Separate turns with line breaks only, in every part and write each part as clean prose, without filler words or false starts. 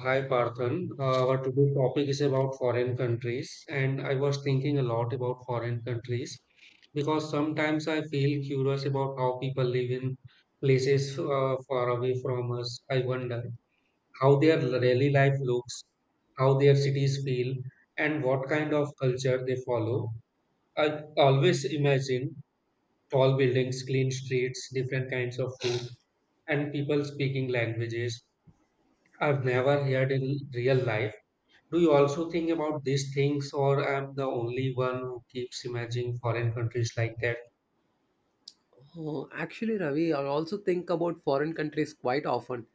Hi, Parthan. Our today's topic is about foreign countries, and I was thinking a lot about foreign countries because sometimes I feel curious about how people live in places far away from us. I wonder how their daily life looks, how their cities feel, and what kind of culture they follow. I always imagine tall buildings, clean streets, different kinds of food, and people speaking languages I've never heard in real life. Do you also think about these things, or am the only one who keeps imagining foreign countries like that?
Oh, actually, Ravi, I also think about foreign countries quite often.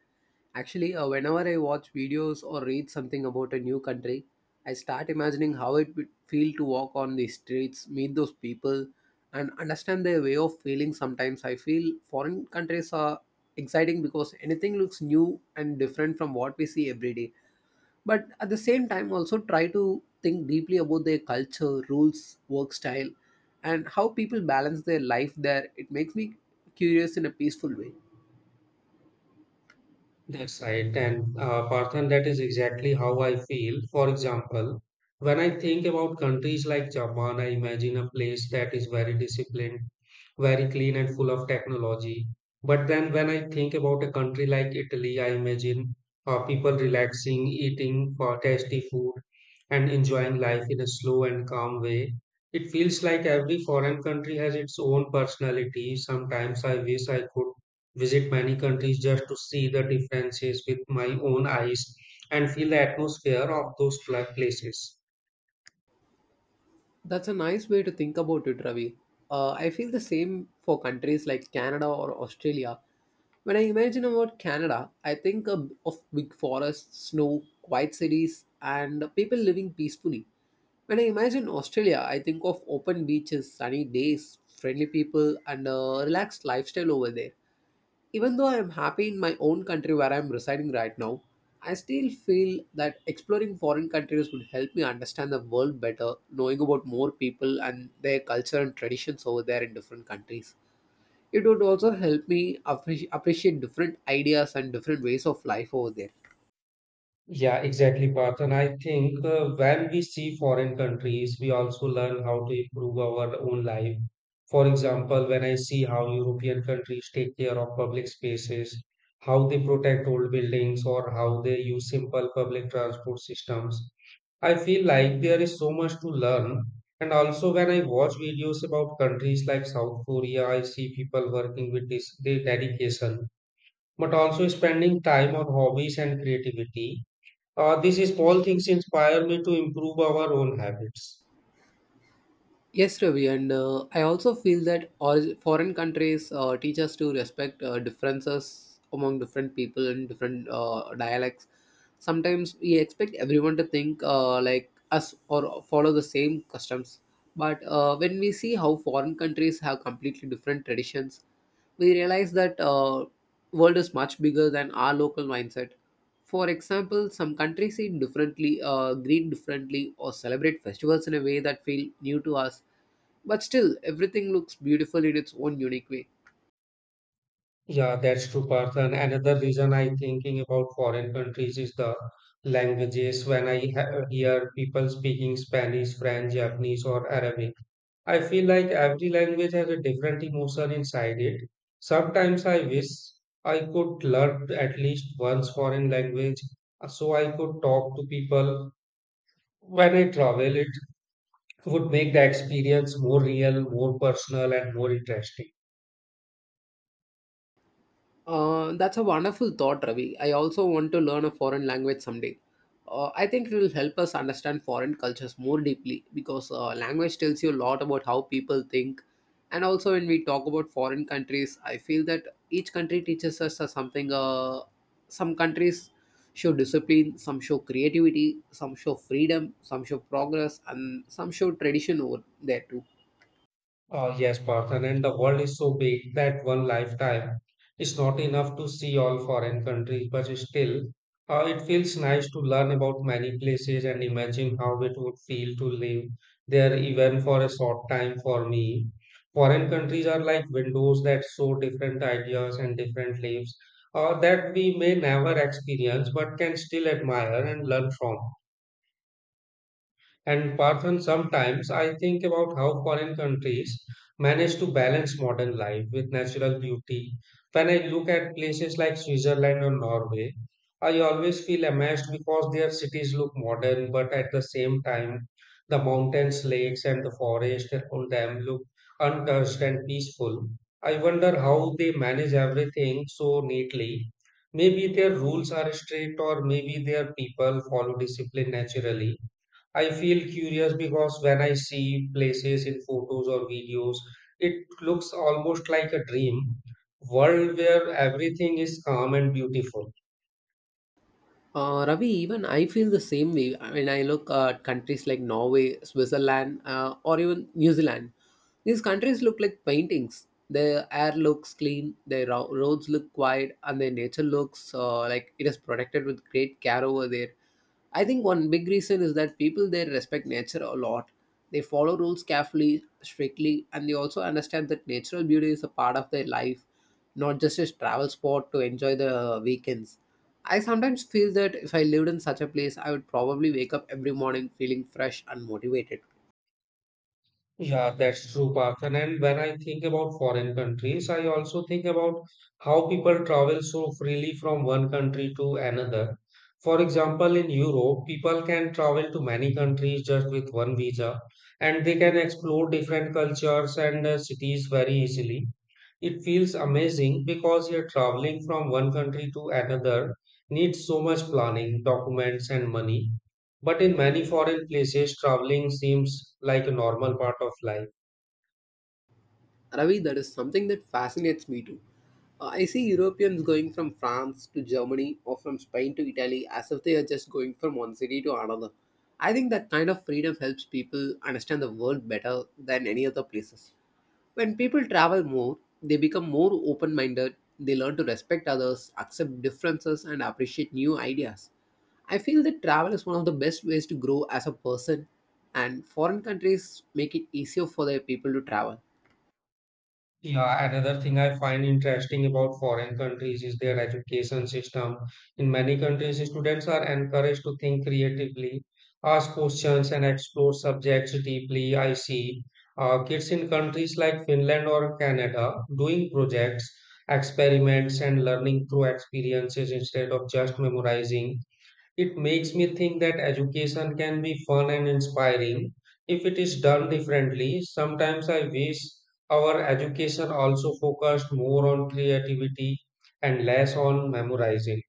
Actually, whenever I watch videos or read something about a new country, I start imagining how it would feel to walk on the streets, meet those people, and understand their way of feeling. Sometimes I feel foreign countries are exciting because anything looks new and different from what we see every day, but at the same time also try to think deeply about their culture, rules, work style, and how people balance their life there. It makes me curious in a peaceful way.
That's right. And Parthan, that is exactly how I feel. For example, when I think about countries like Japan, I imagine a place that is very disciplined, very clean, and full of technology. But then when I think about a country like Italy, I imagine people relaxing, eating for tasty food, and enjoying life in a slow and calm way. It feels like every foreign country has its own personality. Sometimes I wish I could visit many countries just to see the differences with my own eyes and feel the atmosphere of those places.
That's a nice way to think about it, Ravi. I feel the same for countries like Canada or Australia. When I imagine about Canada, I think of big forests, snow, quiet cities, and people living peacefully. When I imagine Australia, I think of open beaches, sunny days, friendly people, and a relaxed lifestyle over there. Even though I am happy in my own country where I am residing right now, I still feel that exploring foreign countries would help me understand the world better, knowing about more people and their culture and traditions over there in different countries. It would also help me appreciate different ideas and different ways of life over there.
Yeah, exactly, Parth. And I think when we see foreign countries, we also learn how to improve our own life. For example, when I see how European countries take care of public spaces, how they protect old buildings, or how they use simple public transport systems, I feel like there is so much to learn. And also, when I watch videos about countries like South Korea, I see people working with this their dedication, but also spending time on hobbies and creativity. These small things inspire me to improve our own habits.
Yes, Ravi, and I also feel that all foreign countries teach us to respect differences among different people and different dialects. Sometimes we expect everyone to think like us or follow the same customs, but when we see how foreign countries have completely different traditions, we realize that world is much bigger than our local mindset. For example, some countries eat differently, greet differently, or celebrate festivals in a way that feel new to us, but still, everything looks beautiful in its own unique way.
Yeah, that's true, Parth. And another reason I'm thinking about foreign countries is the languages. When I hear people speaking Spanish, French, Japanese, or Arabic, I feel like every language has a different emotion inside it. Sometimes I wish I could learn at least one foreign language so I could talk to people. When I travel, it would make the experience more real, more personal, and more interesting.
That's a wonderful thought, Ravi. I also want to learn a foreign language someday. I think it will help us understand foreign cultures more deeply because language tells you a lot about how people think. And also, when we talk about foreign countries, I feel that each country teaches us something. Some countries show discipline, some show creativity, some show freedom, some show progress, and some show tradition over there too.
Yes, Parthen, and the world is so big that one lifetime is not enough to see all foreign countries, but still, it feels nice to learn about many places and imagine how it would feel to live there even for a short time for me. Foreign countries are like windows that show different ideas and different lives that we may never experience but can still admire and learn from. And Parthan, sometimes I think about how foreign countries manage to balance modern life with natural beauty. When I look at places like Switzerland or Norway, I always feel amazed because their cities look modern, but at the same time, the mountains, lakes, and the forest around them look untouched and peaceful. I wonder how they manage everything so neatly. Maybe their rules are strict, or maybe their people follow discipline naturally. I feel curious because when I see places in photos or videos, it looks almost like a dream world where everything is calm and beautiful.
Ravi, even I feel the same way when I look at countries like Norway, Switzerland, or even New Zealand. These countries look like paintings. Their air looks clean, their roads look quiet, and their nature looks like it is protected with great care over there. I think one big reason is that people there respect nature a lot. They follow rules carefully, strictly, and they also understand that natural beauty is a part of their life, not just a travel spot to enjoy the weekends. I sometimes feel that if I lived in such a place, I would probably wake up every morning feeling fresh and motivated.
Yeah, that's true, Parthan. And when I think about foreign countries, I also think about how people travel so freely from one country to another. For example, in Europe, people can travel to many countries just with one visa, and they can explore different cultures and cities very easily. It feels amazing because you're traveling from one country to another needs so much planning, documents, and money. But in many foreign places, traveling seems like a normal part of life.
Ravi, that is something that fascinates me too. I see Europeans going from France to Germany or from Spain to Italy as if they are just going from one city to another. I think that kind of freedom helps people understand the world better than any other places. When people travel more, they become more open minded, they learn to respect others, accept differences, and appreciate new ideas. I feel that travel is one of the best ways to grow as a person, and foreign countries make it easier for their people to travel.
Yeah, another thing I find interesting about foreign countries is their education system. In many countries, students are encouraged to think creatively, ask questions, and explore subjects deeply. I see kids in countries like Finland or Canada doing projects, experiments, and learning through experiences instead of just memorizing. It makes me think that education can be fun and inspiring if it is done differently. Sometimes I wish our education also focused more on creativity and less on memorizing.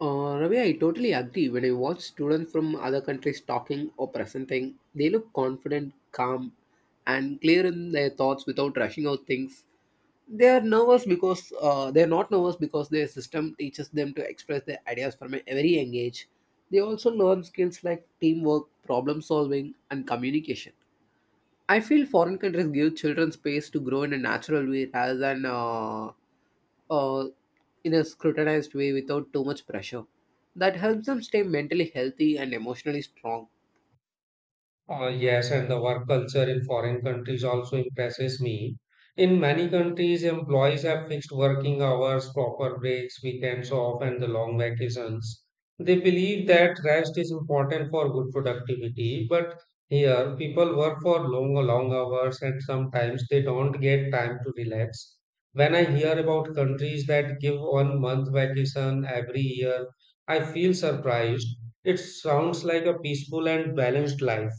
Ravi, I totally agree. When I watch students from other countries talking or presenting, they look confident, calm, and clear in their thoughts without rushing out things. They are nervous because they are not nervous because their system teaches them to express their ideas from a very young age. They also learn skills like teamwork, problem solving, and communication. I feel foreign countries give children space to grow in a natural way rather than uh, in a scrutinized way without too much pressure. That helps them stay mentally healthy and emotionally strong.
Yes, and the work culture in foreign countries also impresses me. In many countries, employees have fixed working hours, proper breaks, weekends off, and the long vacations. They believe that rest is important for good productivity, but here people work for long, long hours and sometimes they don't get time to relax. When I hear about countries that give 1 month vacation every year, I feel surprised. It sounds like a peaceful and balanced life.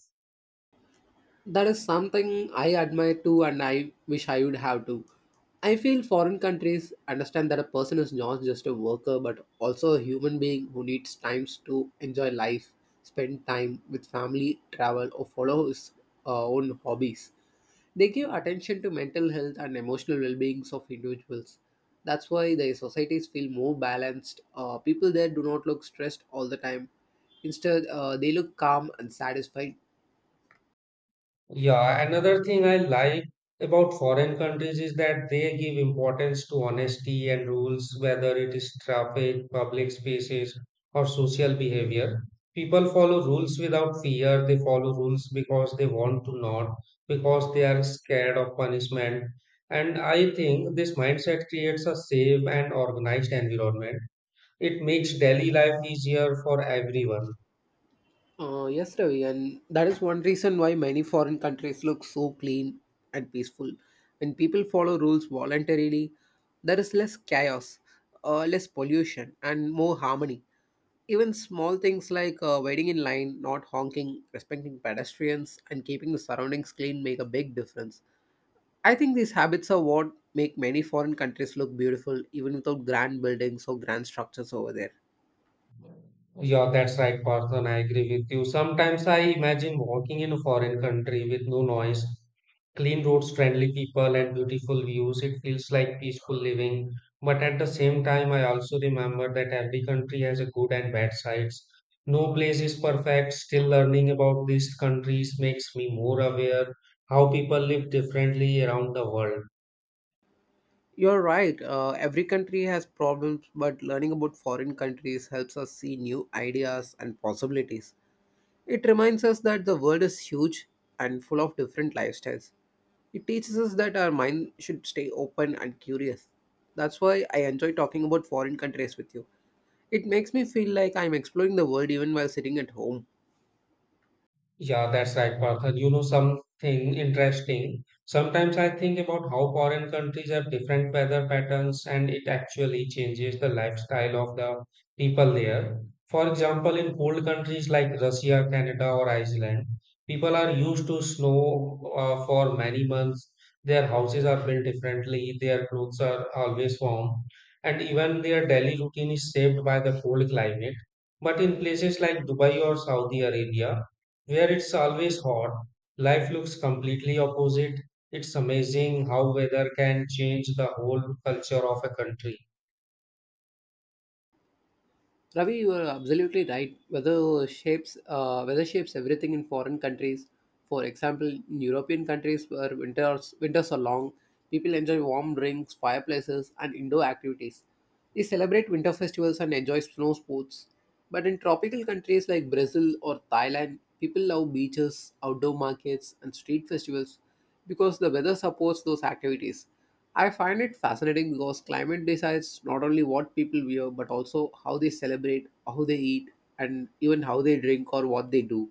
That is something I admire too, and I wish I would have to. I feel foreign countries understand that a person is not just a worker but also a human being who needs times to enjoy life, spend time with family, travel, or follow his own hobbies. They give attention to mental health and emotional well beings of individuals. That's why the societies feel more balanced. People there do not look stressed all the time. Instead, they look calm and satisfied.
Yeah, another thing I like about foreign countries is that they give importance to honesty and rules, whether it is traffic, public spaces, or social behavior. People follow rules without fear. They follow rules because they want to, not because they are scared of punishment. And I think this mindset creates a safe and organized environment. It makes daily life easier for everyone.
Yes, Ravi, and that is one reason why many foreign countries look so clean and peaceful. When people follow rules voluntarily, there is less chaos, less pollution, and more harmony. Even small things like waiting in line, not honking, respecting pedestrians, and keeping the surroundings clean make a big difference. I think these habits are what make many foreign countries look beautiful, even without grand buildings or grand structures over there.
Yeah, that's right, Partha, I agree with you. Sometimes I imagine walking in a foreign country with no noise, clean roads, friendly people, and beautiful views. It feels like peaceful living. But at the same time, I also remember that every country has a good and bad sides. No place is perfect. Still, learning about these countries makes me more aware how people live differently around the world.
You're right. Every country has problems, but learning about foreign countries helps us see new ideas and possibilities. It reminds us that the world is huge and full of different lifestyles. It teaches us that our mind should stay open and curious. That's why I enjoy talking about foreign countries with you. It makes me feel like I'm exploring the world even while sitting at home.
Yeah, that's right, Partha. You know something interesting. Sometimes I think about how foreign countries have different weather patterns and it actually changes the lifestyle of the people there. For example, in cold countries like Russia, Canada, or Iceland, people are used to snow for many months. Their houses are built differently, their clothes are always warm, and even their daily routine is shaped by the cold climate. But in places like Dubai or Saudi Arabia, where it's always hot, life looks completely opposite. It's amazing how weather can change the whole culture of a country.
Ravi, you are absolutely right. Weather shapes everything in foreign countries. For example, in European countries where winters are long, people enjoy warm drinks, fireplaces, and indoor activities. They celebrate winter festivals and enjoy snow sports. But in tropical countries like Brazil or Thailand, people love beaches, outdoor markets, and street festivals because the weather supports those activities. I find it fascinating because climate decides not only what people wear but also how they celebrate, how they eat, and even how they drink or what they do.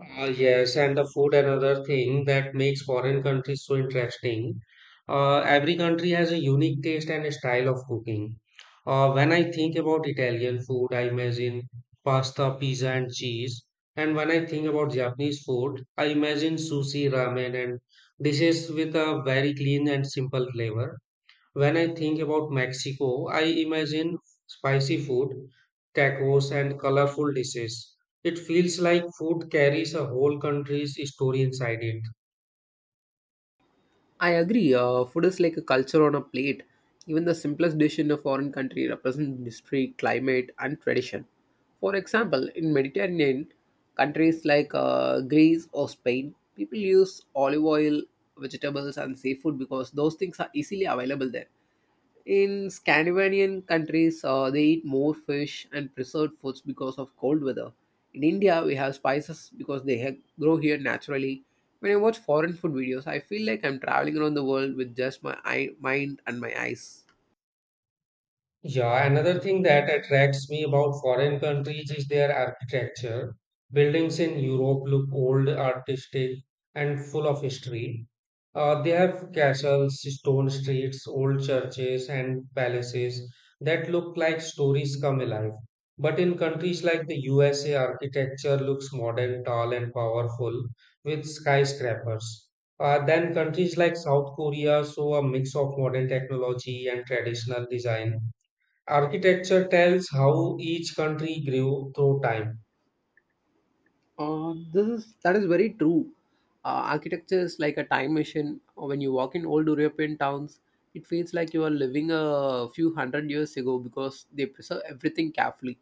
Ah, yes, and the food, another thing that makes foreign countries so interesting. Every country has a unique taste and a style of cooking. When I think about Italian food, I imagine pasta, pizza, and cheese. And when I think about Japanese food, I imagine sushi, ramen, and dishes with a very clean and simple flavor. When I think about Mexico, I imagine spicy food, tacos, and colorful dishes. It feels like food carries a whole country's story inside it.
I agree, food is like a culture on a plate. Even the simplest dish in a foreign country represents history, climate, and tradition. For example, in Mediterranean countries like Greece or Spain, people use olive oil, vegetables, and seafood because those things are easily available there. In Scandinavian countries, they eat more fish and preserved foods because of cold weather. In India, we have spices because they grow here naturally. When I watch foreign food videos, I feel like I'm traveling around the world with just my mind and my eyes.
Yeah, another thing that attracts me about foreign countries is their architecture. Buildings in Europe look old, artistic, and full of history. They have castles, stone streets, old churches, and palaces that look like stories come alive. But in countries like the USA, architecture looks modern, tall, and powerful with skyscrapers. Then countries like South Korea show a mix of modern technology and traditional design. Architecture tells how each country grew through time.
This is that is very true. Architecture is like a time machine. When you walk in old European towns, it feels like you are living a few hundred years ago because they preserve everything carefully.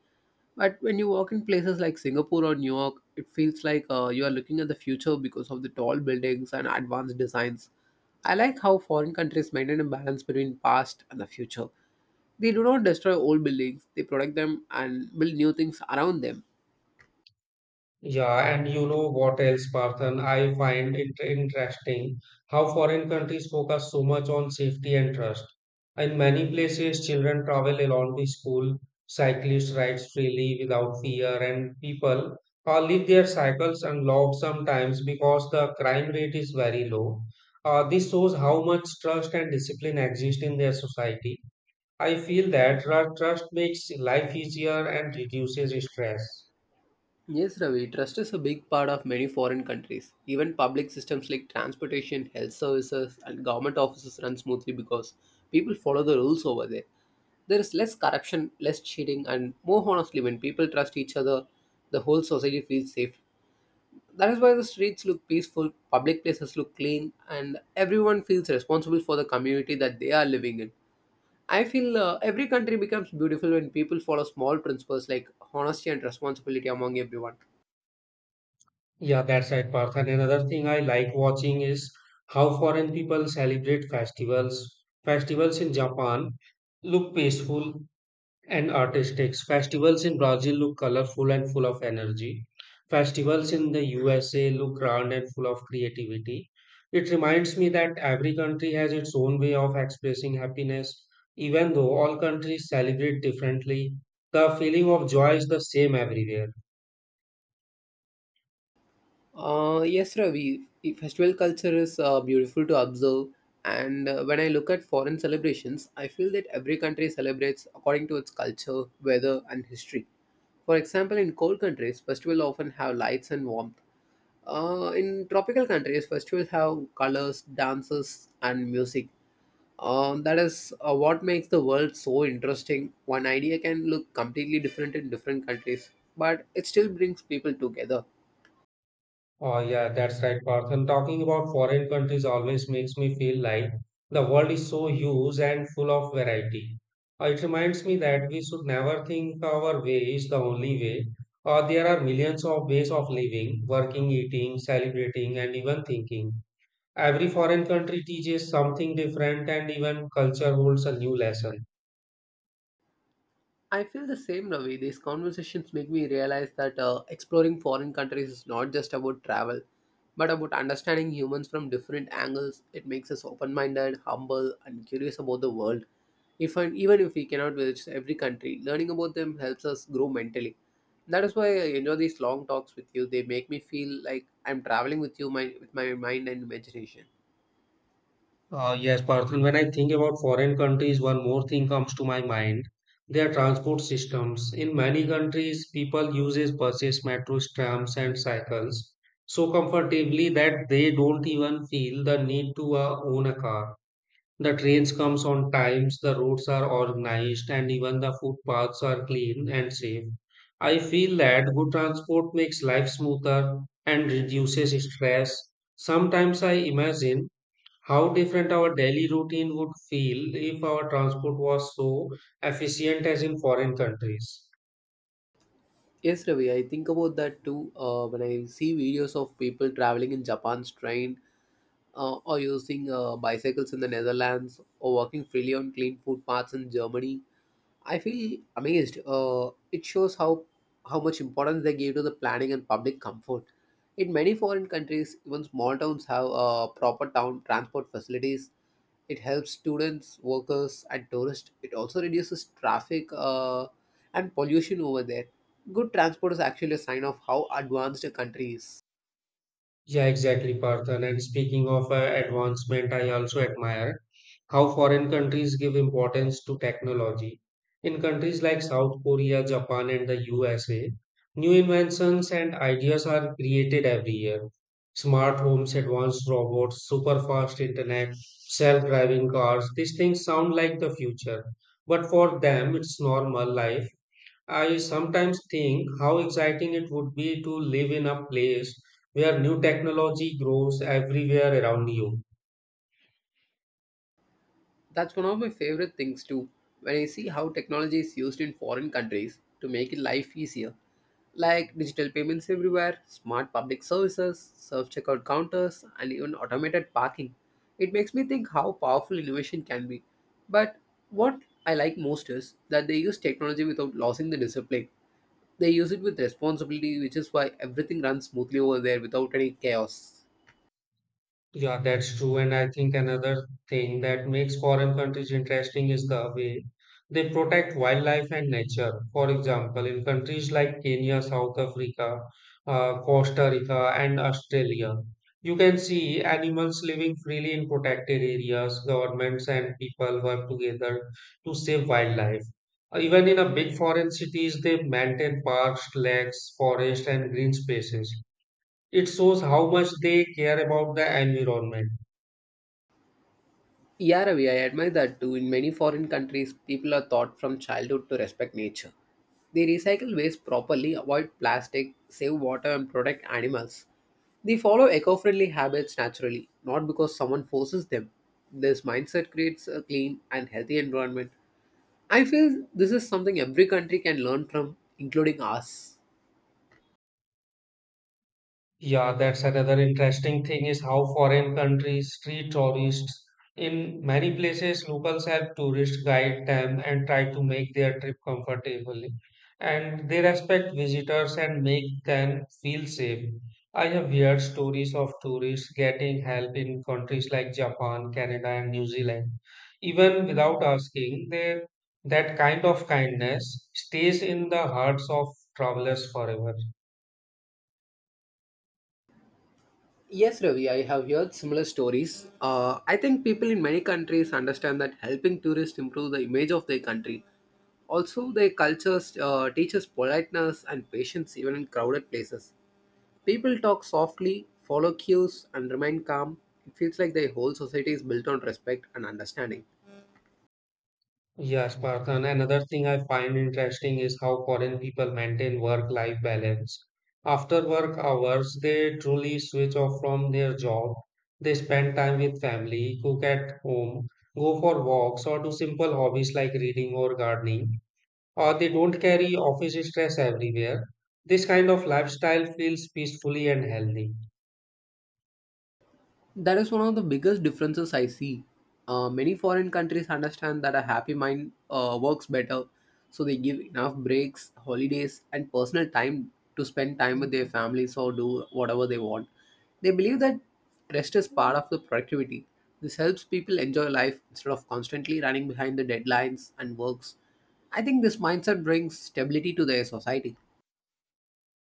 But when you walk in places like Singapore or New York, it feels like you are looking at the future because of the tall buildings and advanced designs. I like how foreign countries maintain a balance between past and the future. They do not destroy old buildings; they protect them and build new things around them.
Yeah, and you know what else, Parthan? I find it interesting how foreign countries focus so much on safety and trust. In many places, children travel alone to school, cyclists ride freely without fear, and people leave their cycles unlocked sometimes because the crime rate is very low. This shows how much trust and discipline exist in their society. I feel that trust makes life easier and reduces stress.
Yes, Ravi, trust is a big part of many foreign countries. Even public systems like transportation, health services, and government offices run smoothly because people follow the rules over there. There is less corruption, less cheating, and more honestly, when people trust each other, the whole society feels safe. That is why the streets look peaceful, public places look clean, and everyone feels responsible for the community that they are living in. I feel every country becomes beautiful when people follow small principles like honesty and responsibility among everyone.
Yeah, that's right, Partha. And another thing I like watching is how foreign people celebrate festivals. Festivals in Japan look peaceful and artistic. Festivals in Brazil look colorful and full of energy. Festivals in the USA look grand and full of creativity. It reminds me that every country has its own way of expressing happiness. Even though all countries celebrate differently, the feeling of joy is the same everywhere.
Yes, Ravi. The festival culture is beautiful to observe, and when I look at foreign celebrations, I feel that every country celebrates according to its culture, weather, and history. For example, in cold countries, festivals often have lights and warmth. In tropical countries, festivals have colors, dances, and music. That is what makes the world so interesting. One idea can look completely different in different countries, but it still brings people together.
Oh, yeah, that's right, Parth. And talking about foreign countries always makes me feel like the world is so huge and full of variety. It reminds me that we should never think our way is the only way. There are millions of ways of living, working, eating, celebrating, and even thinking. Every foreign country teaches something different, and even culture holds a new lesson.
I feel the same, Ravi. These conversations make me realize that exploring foreign countries is not just about travel, but about understanding humans from different angles. It makes us open minded, humble, and curious about the world. If and even if we cannot visit every country, learning about them helps us grow mentally. That is why I enjoy these long talks with you. They make me feel like I'm traveling with you, my with my mind and imagination.
Yes, Parthan, when I think about foreign countries, one more thing comes to my mind. Their transport systems. In many countries, people uses buses, metros, trams, and cycles so comfortably that they don't even feel the need to own a car. The trains comes on times, the roads are organized, and even the footpaths are clean and safe. I feel that good transport makes life smoother and reduces stress. Sometimes I imagine how different our daily routine would feel if our transport was so efficient as in foreign countries.
Yes, Ravi, I think about that too when I see videos of people traveling in Japan's train or using bicycles in the Netherlands, or walking freely on clean footpaths in Germany. I feel amazed. It shows how much importance they give to the planning and public comfort. In many foreign countries, even small towns have proper town transport facilities. It helps students, workers, and tourists. It also reduces traffic and pollution over there. Good transport is actually a sign of how advanced a country is.
Yeah, exactly, Parthan. And speaking of advancement, I also admire how foreign countries give importance to technology. In countries like South Korea, Japan, and the USA, new inventions and ideas are created every year. Smart homes, advanced robots, super fast internet, self driving cars, these things sound like the future. But for them, it's normal life. I sometimes think how exciting it would be to live in a place where new technology grows everywhere around you.
That's one of my favorite things too. When I see how technology is used in foreign countries to make life easier, like digital payments everywhere, smart public services, self checkout counters, and even automated parking, it makes me think how powerful innovation can be. But what I like most is that they use technology without losing the discipline. They use it with responsibility, which is why everything runs smoothly over there without any chaos.
Yeah, that's true. And I think another thing that makes foreign countries interesting is the way they protect wildlife and nature. For example, in countries like Kenya, South Africa, Costa Rica, and Australia, you can see animals living freely in protected areas. Governments and people work together to save wildlife. Even in a big foreign cities, they maintain parks, lakes, forests, and green spaces. It shows how much they care about the environment.
Yeah, Ravi, I admire that too. In many foreign countries, people are taught from childhood to respect nature. They recycle waste properly, avoid plastic, save water, and protect animals. They follow eco friendly habits naturally, not because someone forces them. This mindset creates a clean and healthy environment. I feel this is something every country can learn from, including us.
Yeah, that's another interesting thing is how foreign countries treat tourists. In many places, locals help tourists guide them and try to make their trip comfortable. And they respect visitors and make them feel safe. I have heard stories of tourists getting help in countries like Japan, Canada, and New Zealand. Even without asking, they, that kind of kindness stays in the hearts of travelers forever.
Yes, Ravi, I have heard similar stories. I think people in many countries understand that helping tourists improve the image of their country. Also, their cultures teaches politeness and patience even in crowded places. People talk softly, follow cues, and remain calm. It feels like their whole society is built on respect and understanding.
Yes, Spartan. Another thing I find interesting is how foreign people maintain work-life balance. After work hours, they truly switch off from their job. They spend time with family, cook at home, go for walks, or do simple hobbies like reading or gardening. Or they don't carry office stress everywhere. This kind of lifestyle feels peacefully and healthy.
That is one of the biggest differences I see. Many foreign countries understand that a happy mind works better, so they give enough breaks, holidays, and personal time to spend time with their families or do whatever they want. They believe that rest is part of the productivity. This helps people enjoy life instead of constantly running behind the deadlines and works. I think this mindset brings stability to their society.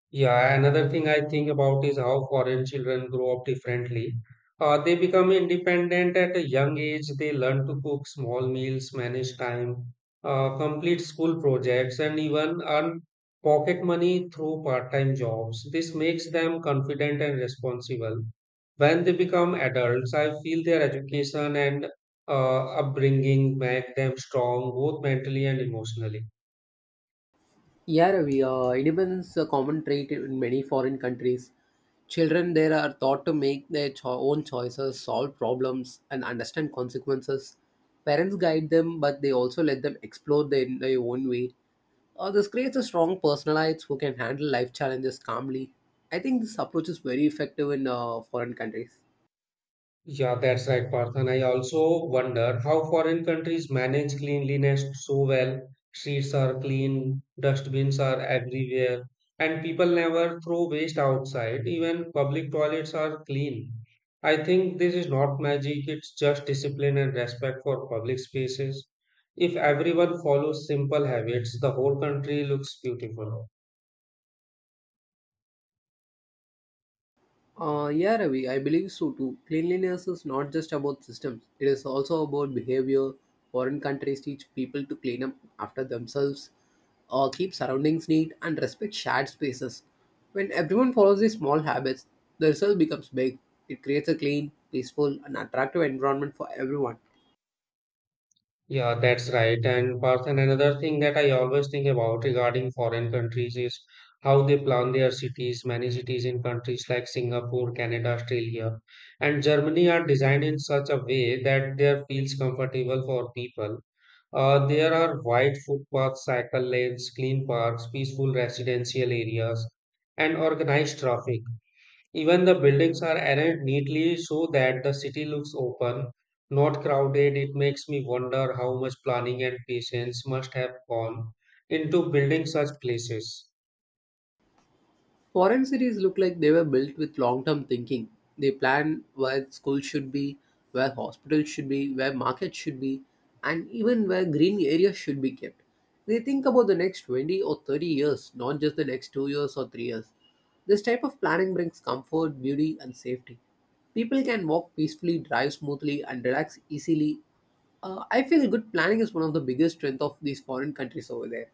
Yeah, another thing I think about is how foreign children grow up differently. They become independent at a young age. They learn to cook small meals, manage time, complete school projects, and even earn pocket money through part-time jobs. This makes them confident and responsible. When they become adults, I feel their education and upbringing make them strong, both mentally and emotionally.
Yeah, Ravi, independence is a common trait in many foreign countries. Children there are taught to make their own choices, solve problems, and understand consequences. Parents guide them, but they also let them explore their own way. This creates a strong personalites who can handle life challenges calmly. I think this approach is very effective in foreign countries.
Yeah, that's right, Parth. And I also wonder how foreign countries manage cleanliness so well. Streets are clean, dustbins are everywhere, and people never throw waste outside. Even public toilets are clean. I think this is not magic, it's just discipline and respect for public spaces. If everyone follows simple habits, the whole country looks beautiful.
Yeah, Ravi, I believe so too. Cleanliness is not just about systems, it is also about behavior. Foreign countries teach people to clean up after themselves, keep surroundings neat, and respect shared spaces. When everyone follows these small habits, the result becomes big. It creates a clean, peaceful, and attractive environment for everyone.
Yeah, that's right. And Parth, and another thing that I always think about regarding foreign countries is how they plan their cities. Many cities in countries like Singapore, Canada, Australia, and Germany are designed in such a way that there feels comfortable for people. There are wide footpaths, cycle lanes, clean parks, peaceful residential areas, and organized traffic. Even the buildings are arranged neatly so that the city looks open, not crowded. It makes me wonder how much planning and patience must have gone into building such places.
Foreign cities look like they were built with long term thinking. They plan where schools should be, where hospitals should be, where markets should be, and even where green areas should be kept. They think about the next 20 or 30 years, not just the next 2 years or 3 years. This type of planning brings comfort, beauty, and safety. People can walk peacefully, drive smoothly, and relax easily. I feel good planning is one of the biggest strengths of these foreign countries over there.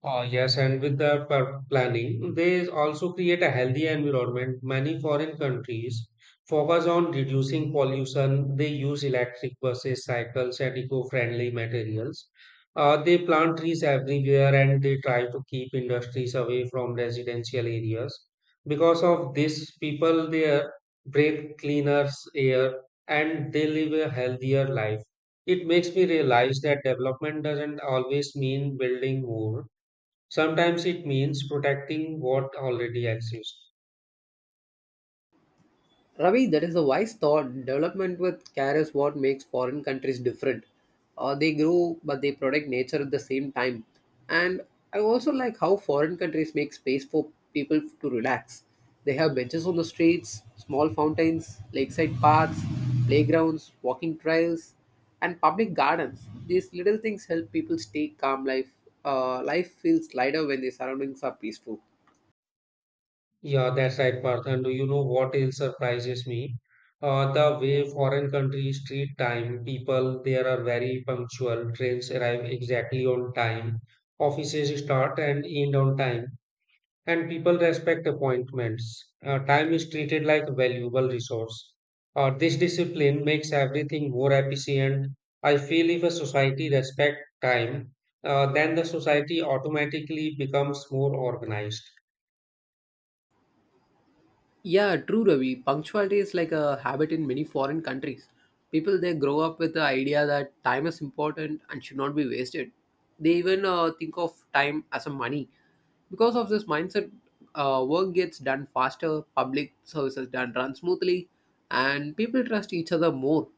Yes, and with the planning, they also create a healthy environment. Many foreign countries focus on reducing pollution. They use electric buses, cycles, and eco-friendly materials. They plant trees everywhere and they try to keep industries away from residential areas. Because of this, people there breathe cleaner air and they live a healthier life. It makes me realize that development doesn't always mean building more. Sometimes it means protecting what already exists.
Ravi, that is a wise thought. Development with care is what makes foreign countries different. They grow, but they protect nature at the same time. And I also like how foreign countries make space for people to relax. They have benches on the streets, small fountains, lakeside parks, playgrounds, walking trails, and public gardens. These little things help people stay calm. Life feels lighter when the surroundings are peaceful.
Yeah, that's right, Parth. And do you know what else surprises me? The way foreign countries treat time. People there are very punctual. Trains arrive exactly on time. Offices start and end on time. And people respect appointments. Time is treated like a valuable resource. This discipline makes everything more efficient. I feel if a society respects time, then the society automatically becomes more organized.
Yeah, true, Ravi. Punctuality is like a habit in many foreign countries. People they grow up with the idea that time is important and should not be wasted. They even think of time as a money. Because of this mindset, work gets done faster, public services done run smoothly, and people trust each other more.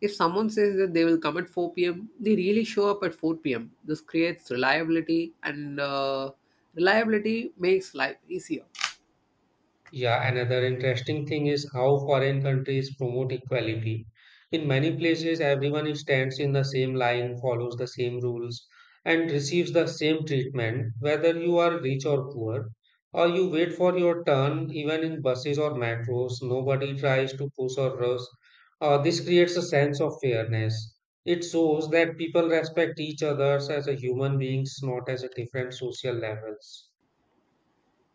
If someone says that they will come at 4 p.m., they really show up at 4 p.m. This creates reliability, and reliability makes life easier.
Yeah, another interesting thing is how foreign countries promote equality. In many places, everyone stands in the same line, follows the same rules, and receives the same treatment, whether you are rich or poor, or you wait for your turn. Even in buses or metros, nobody tries to push or rush. This creates a sense of fairness. It shows that people respect each other as a human beings, not as a different social levels.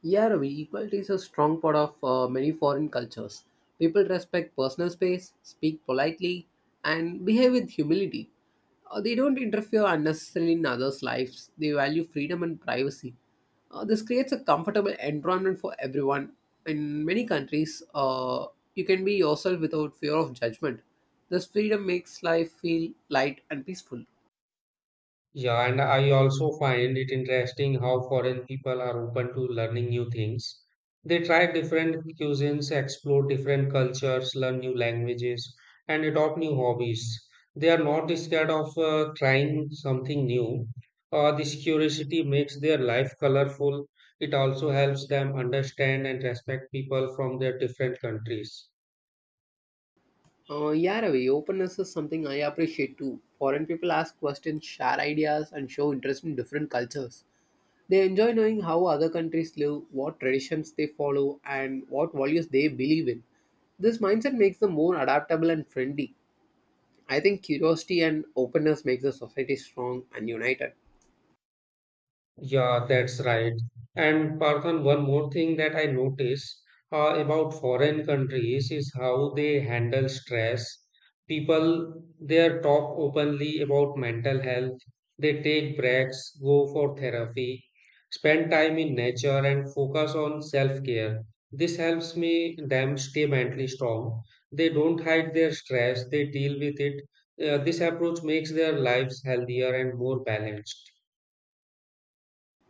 Yeah, Ravi, equality is a strong part of many foreign cultures. People respect personal space, speak politely, and behave with humility. They don't interfere unnecessarily in others' lives. They value freedom and privacy. This creates a comfortable environment for everyone. In many countries, you can be yourself without fear of judgment. This freedom makes life feel light and peaceful.
Yeah, and I also find it interesting how foreign people are open to learning new things. They try different cuisines, explore different cultures, learn new languages, and adopt new hobbies. They are not scared of trying something new. This curiosity makes their life colorful. It also helps them understand and respect people from their different countries.
Yeah, Ravi, openness is something I appreciate too. Foreign people ask questions, share ideas, and show interest in different cultures. They enjoy knowing how other countries live, what traditions they follow, and what values they believe in. This mindset makes them more adaptable and friendly. I think curiosity and openness makes a society strong and united.
Yeah, that's right. And Parthan, one more thing that I notice about foreign countries is how they handle stress. People there talk openly about mental health. They take breaks, go for therapy, spend time in nature, and focus on self-care. This helps me them stay mentally strong. They don't hide their stress. They deal with it. This approach makes their lives healthier and more balanced.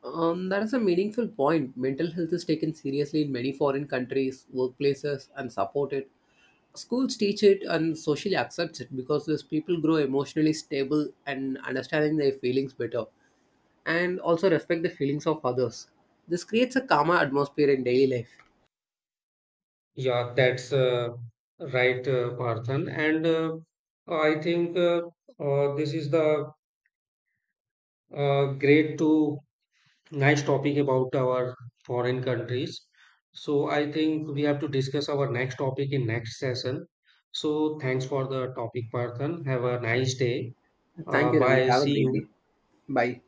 That is a meaningful point. Mental health is taken seriously in many foreign countries, workplaces, and supported. Schools teach it and socially accepts it because these people grow emotionally stable and understanding their feelings better and also respect the feelings of others. This creates a calmer atmosphere in daily life.
Yeah, that's right, Parthan. And I think this is the great to nice topic about our foreign countries. So I think we have to discuss our next topic in next session. So thanks for the topic, Parthan. Have a nice day. Uh,
Thank you, Ravi.
bye.
Have a
See
great
you.
day. Bye.